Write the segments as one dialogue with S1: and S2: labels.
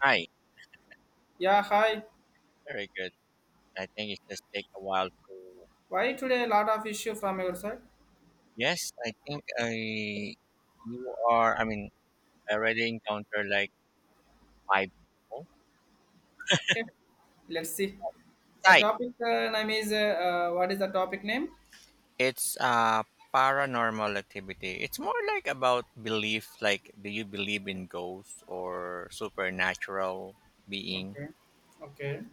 S1: Hi,
S2: Yeah, hi.
S1: very good. I think it just take a while to.
S2: Why today a lot of issue from your side?
S1: Yes, I think I you are. I already encountered like five people.
S2: Okay, let's see. The
S1: Psych.
S2: topic name is what is the topic name?
S1: It's paranormal activity. It's more like about belief. Like, do you believe in ghosts or supernatural being?
S2: Okay, okay.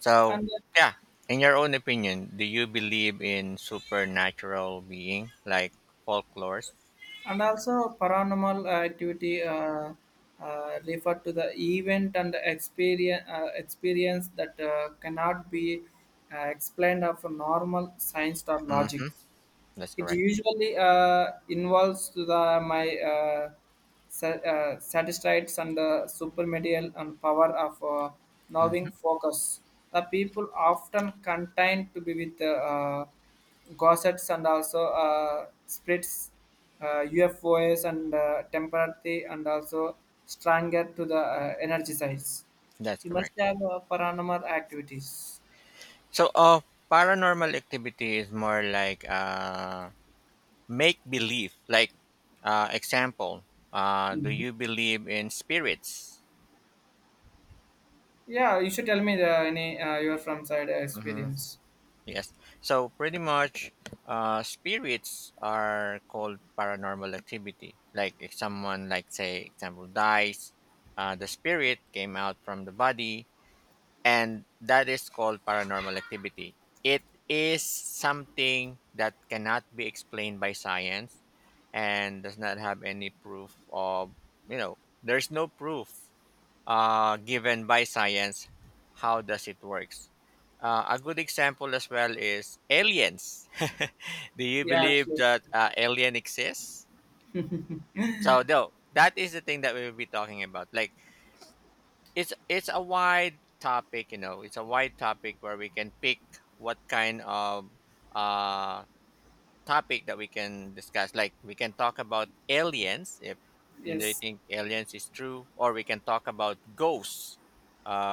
S1: So
S2: And uh,
S1: yeah, in your own opinion, do you believe in supernatural being like folklores?
S2: and also paranormal activity refer to the event and experience, experience that cannot be explained of normal science or logic.
S1: Mm-hmm. That's
S2: It
S1: correct.
S2: usually involves the my statistics and the supermedial and power of
S1: Mm-hmm.
S2: knowing focus. The people often content to be with gossips and also splits, UFOs and temporary and also stronger to the energy size.
S1: That's
S2: You must
S1: correct.
S2: have paranormal activities.
S1: So, paranormal activity is more like make believe. Like, example, do
S2: Mhm.
S1: you believe in spirits?
S2: Yeah, you should tell me the, any your from side
S1: Mm-hmm.
S2: experience.
S1: Yes. So, pretty much, spirits are called paranormal activity. Like, if someone, like, say, example, dies, the spirit came out from the body, and that is called paranormal activity. It is something that cannot be explained by science and does not have any proof of, you know there's no proof given by science, how does it works. A good example as well is aliens. Do you
S2: Yeah,
S1: believe
S2: absolutely.
S1: that alien exists? So though that is the thing that we will be talking about. Like it's a wide topic, it's a wide topic where we can pick what kind of uh, topic that we can discuss. Like we can talk about aliens if, you
S2: Yes,
S1: think aliens is true, or we can talk about ghosts.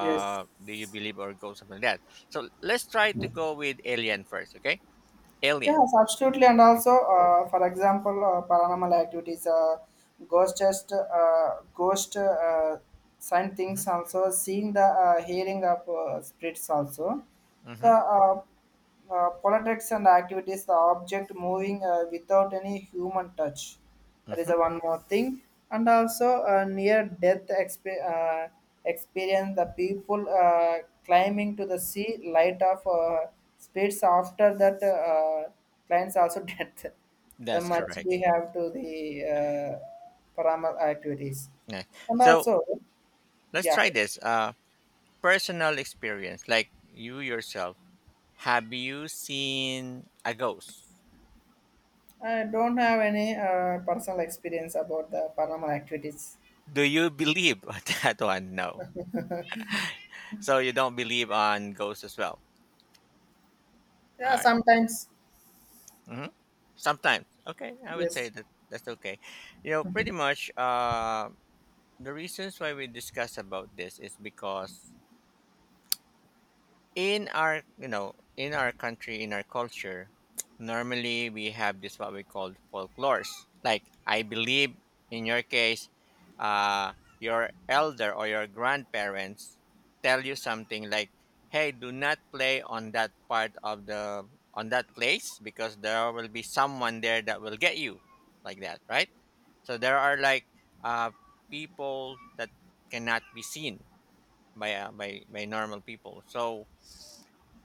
S2: yes.
S1: Do you believe or ghosts something like that? So let's try to go with alien first, okay? Alien.
S2: Yes, absolutely. And also, for example, paranormal activities, ghost just ghost sign
S1: Mm-hmm,
S2: things also, seeing the hearing of spirits also. The
S1: mm-hmm,
S2: politics and activities, the object moving without any human touch. There is a
S1: mm-hmm.
S2: one more thing, and also a near-death experience. The people climbing to the sea light of speeds after that clients also death. The
S1: That's
S2: much
S1: correct.
S2: we have to the paranormal activities,
S1: Yeah.
S2: and
S1: So
S2: also
S1: let's
S2: yeah,
S1: try this. Personal experience, like you yourself. Have you seen a ghost?
S2: I don't have any personal experience about the paranormal activities.
S1: Do you believe on that one? No. So you don't believe on ghosts as well.
S2: Yeah,
S1: All right.
S2: sometimes
S1: hmm Sometimes. Okay, I would
S2: yes.
S1: say that that's okay. You know, pretty much, the reasons why we discuss about this is because in our, in our country, in our culture, normally we have this what we call folklores. Like I believe in your case, uh your elder or your grandparents tell you something like, hey, do not play on that part of the on that place because there will be someone there that will get you, like that, right? So there are like uh people that cannot be seen by by normal people, so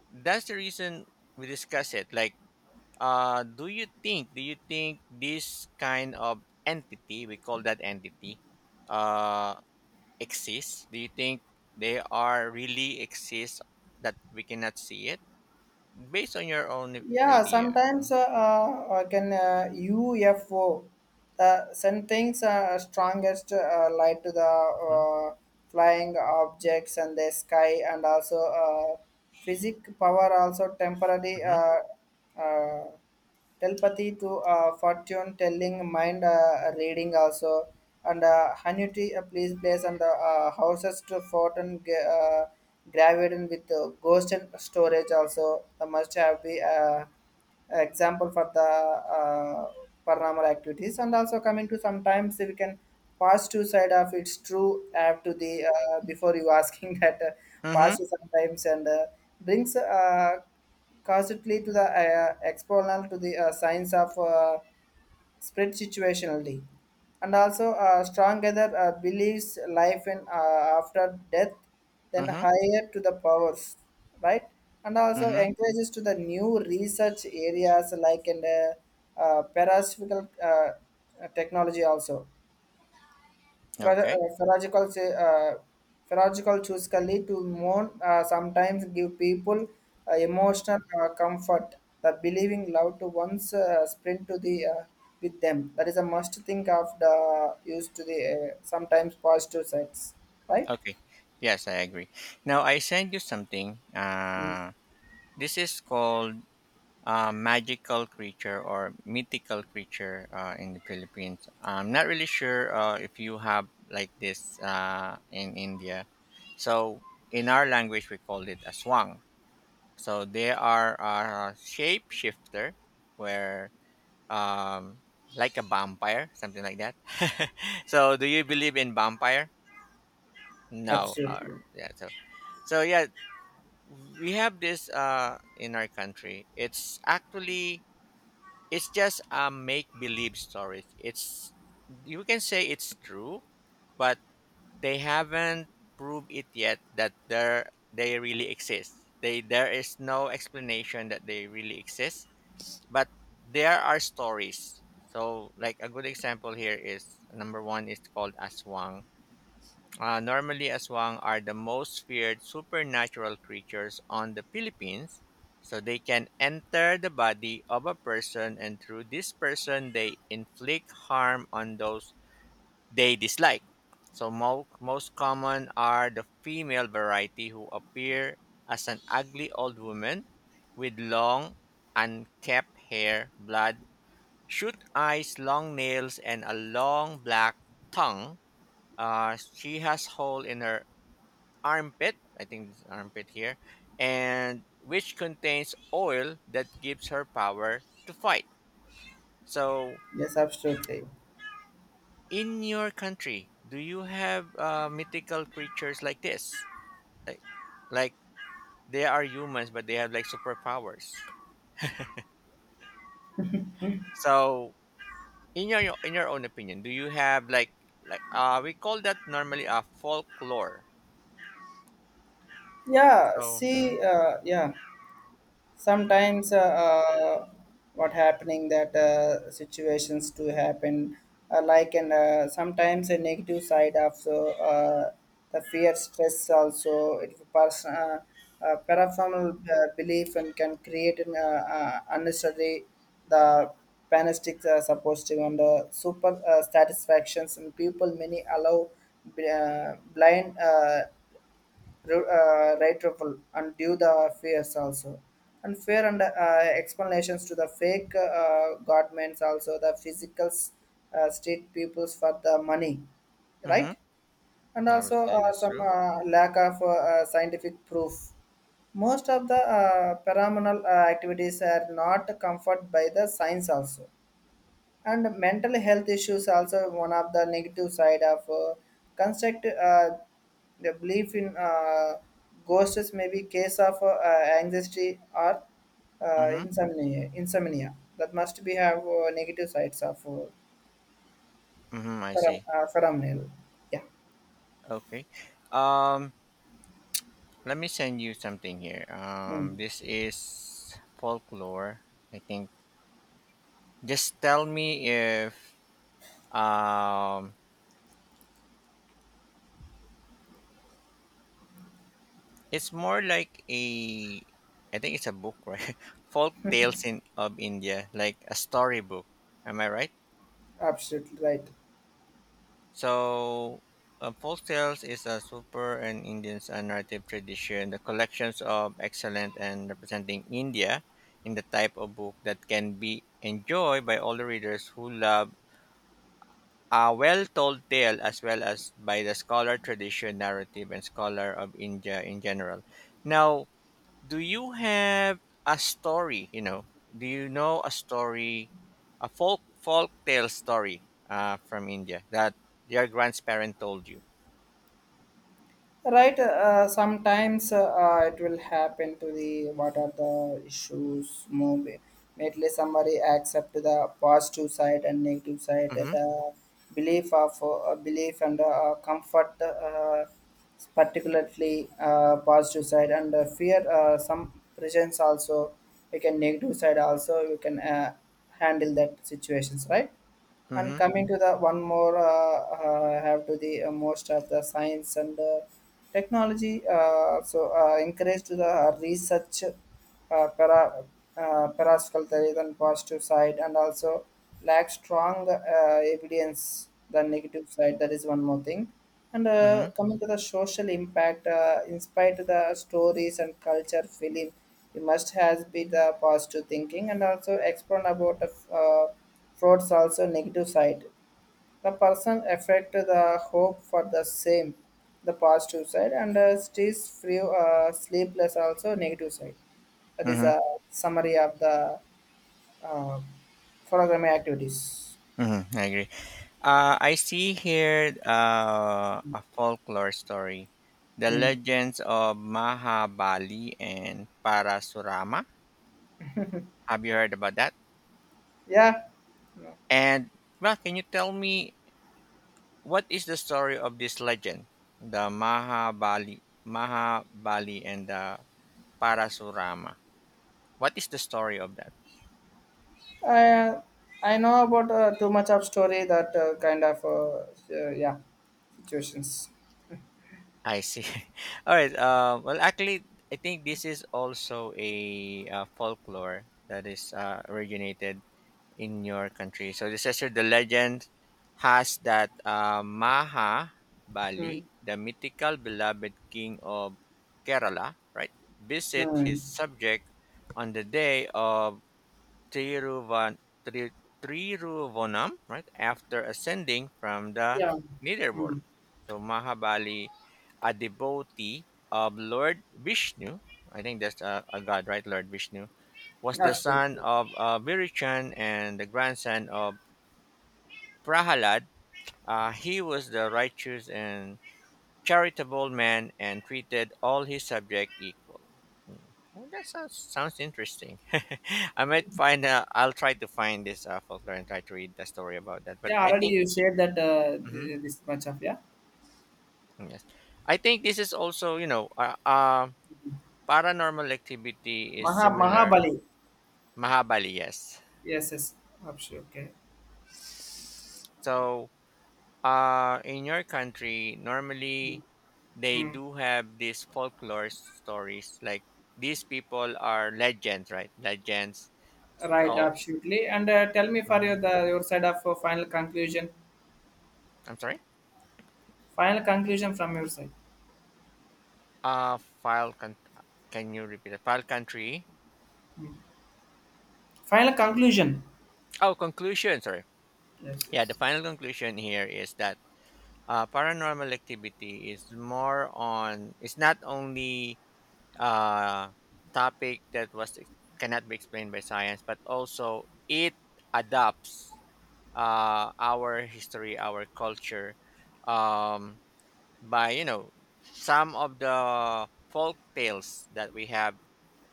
S1: that's the reason we discuss it. Like, do you think this kind of entity, we call that entity uh exists. Do you think they are really exist, that we cannot see it, based on your own
S2: Yeah,
S1: idea?
S2: sometimes can UFO, the send things strongest light to the
S1: Mm-hmm.
S2: flying objects and the sky and also physic power also temporary
S1: Mm-hmm.
S2: uh, telepathy to fortune telling, mind reading also, and annuity please place and houses to fortune gravidated with ghost and storage also. The must have be example for the paranormal activities and also coming to sometimes we can pass to side of it's true have to the before you asking that
S1: Mm-hmm.
S2: pass to sometimes and brings constantly to the exponent to the science of spread situationally, and also strong other believes life in after death, then higher to the powers, right? And also
S1: Mm-hmm.
S2: encourages to the new research areas like in the parasitical technology also.
S1: Okay,
S2: Phraseological, say, phraseological choice can lead to more, sometimes give people emotional comfort. The believing love to one's sprint to the with them. That is a must think of the use to the sometimes positive sides, right?
S1: okay, yes, I agree. Now I send you something.
S2: Mm,
S1: This is called magical creature or mythical creature in the Philippines. I'm not really sure if you have like this in India. So in our language, we called it a swang. So they are a shapeshifter where, um, like a vampire, something like that. So do you believe in vampire? No.
S2: absolutely.
S1: Yeah. So so yeah, we have this in our country. It's actually it's just a make believe story. It's, you can say it's true, but they haven't proved it yet that there they really exist. They there is no explanation that they really exist, but there are stories. So like a good example here is number one is called Aswang. Normally, aswang are the most feared supernatural creatures on the Philippines. So they can enter the body of a person, and through this person, they inflict harm on those they dislike. So most common are the female variety who appear as an ugly old woman with long, unkempt hair, blood, shoot eyes, long nails, and a long black tongue. She has hole in her armpit, I think it's armpit here, and which contains oil that gives her power to fight. So,
S2: Yes, absolutely.
S1: in your country, do you have mythical creatures like this? Like, like they are humans, but they have like superpowers. So, in your own opinion, do you have like we call that normally a folklore.
S2: Yeah,
S1: So, mm-hmm,
S2: see, yeah, sometimes what happening that sit happened, sometimes a negative so the fear stress also it person paraformal belief and can create an unnecessary the panistic supportive and super directions and people many allow blind right and due the fears also and fear and explanations to the fake governments also the physical state peoples for the money, right,
S1: mm-hmm,
S2: and
S1: I would
S2: also
S1: say that's
S2: some
S1: true.
S2: lack of scientific proof. Most of the paranormal activities are not comfort by the science also, and mental health issues also one of the negative side of construct the belief in ghosts may be case of anxiety or
S1: Mm-hmm,
S2: insomnia. Insomnia that must be have negative sides of
S1: mm-hmm, I see.
S2: phenomenal. Yeah,
S1: Okay. Um, let me send you something here.
S2: mm,
S1: This is folklore, I think. Just tell me if, um, it's more like a, I think it's a book, right? Folk tales in of India, like a storybook. Am I right?
S2: absolutely right.
S1: So, folk tales is a super and Indian's narrative tradition. The collections of excellent and representing India in the type of book that can be enjoyed by all the readers who love a well-told tale as well as by the scholar tradition, narrative, and scholar of India in general. Now, do you have a story, you know, do you know a story, a folk tale story from India that your grandparent told you?
S2: Right, sometimes it will happen to the what are the issues movie. Mainly somebody accept the positive side and negative side,
S1: Mm-hmm.
S2: the belief of belief and comfort, particularly positive side and fear. Some presence also we can negative side also we can handle that situations, right? And
S1: Mm-hmm.
S2: coming to the one more, have to the most of the science and technology. So encourage to the research uh, para, parascalterian positive side and also lack strong evidence the negative side, that is one more thing, and
S1: Mm-hmm.
S2: coming to the social impact in spite of the stories and culture film, it must has be the positive thinking and also explain about the frauds also negative side, the person affect the hope for the same, the positive side and stays free sleepless also negative side. That is
S1: Mm-hmm.
S2: a summary of the uh, photogrammetry activities.
S1: Mm-hmm. I agree. I see here a folklore story, the
S2: Hmm.
S1: legends of Mahabali and Parasurama. Have you heard about that?
S2: Yeah,
S1: And well, can you tell me what is the story of this legend, the Mahabali, Mahabali, and the Parasurama? What is the story of that?
S2: I uh, I know about too much of story that kind of yeah situations.
S1: I see. All right. Well, actually, I think this is also a folklore that is originated in your country. So this is the legend has that Maha
S2: Hmm.
S1: Bali, the mythical beloved king of Kerala, right, visit
S2: Hmm.
S1: his subject on the day of Tiruvan, Tri, Tiruvanam, right, after ascending from the
S2: Yeah. Hmm.
S1: netherworld. So Mahabali, a devotee of Lord Vishnu, I think that's a god, right, Lord Vishnu, was the son
S2: Absolutely.
S1: of Virichan and the grandson of Prahalad. He was the righteous and charitable man and treated all his subjects equal. Hmm. Well, that sounds, sounds interesting. I might find, I'll try to find this folklore and try to read the story about that. But
S2: Yeah,
S1: I
S2: already
S1: think,
S2: you shared that
S1: mhm,
S2: this much of yeah.
S1: yes, I think this is also, paranormal activity is
S2: Maha
S1: similar.
S2: Mahabali.
S1: Mahabali, yes.
S2: Yes, yes. Absolutely. Okay.
S1: So, uh, in your country, normally they
S2: Hmm.
S1: do have these folklore stories. Like these people are legends, right? Legends.
S2: Right.
S1: So,
S2: Absolutely. And tell me for your
S1: mhm.
S2: the your side of final conclusion.
S1: I'm sorry.
S2: Final conclusion from your side.
S1: Uh, file. Can you repeat it? File country.
S2: Final conclusion.
S1: Oh, conclusion. Sorry.
S2: Yes,
S1: Yeah, the
S2: yes.
S1: final conclusion here is that, paranormal activity is more on. It's not only uh topic that was cannot be explained by science, but also it adapts our history, our culture, um, by, some of the folk tales that we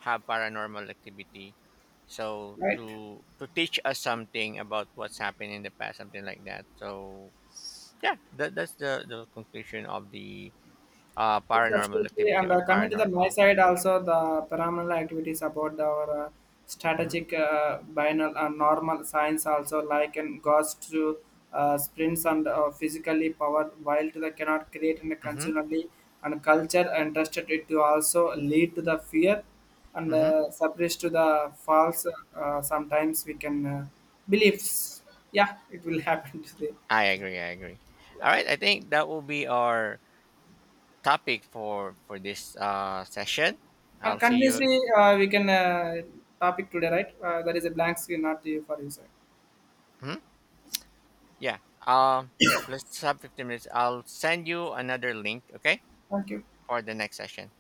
S1: have paranormal activity. So
S2: Right?
S1: to teach us something about what's happened in the past, something like that. So yeah, that, that's the conclusion of the
S2: Yes,
S1: paranormal
S2: absolutely.
S1: activity
S2: And
S1: or
S2: coming to the my
S1: paranormal.
S2: side also, the paranormal activities about our
S1: Mm-hmm.
S2: strategic binal and normal science also, like in ghost to sprints and physically power. While to the cannot create and
S1: Mm-hmm.
S2: consumerly and culture interested it to also lead to the fear and
S1: Mm-hmm.
S2: suppress to the false. Sometimes we can beliefs. Yeah, it will happen to the.
S1: I agree. I agree.
S2: Yeah.
S1: All right. I think that will be our topic for this session.
S2: And
S1: I'll see you.
S2: continuously, we can topic today, right? There is a blank screen, not the for you, sir.
S1: Hmm? Yeah. Um, let's have 15 minutes. I'll send you another link. Okay,
S2: Thank you.
S1: for the next session.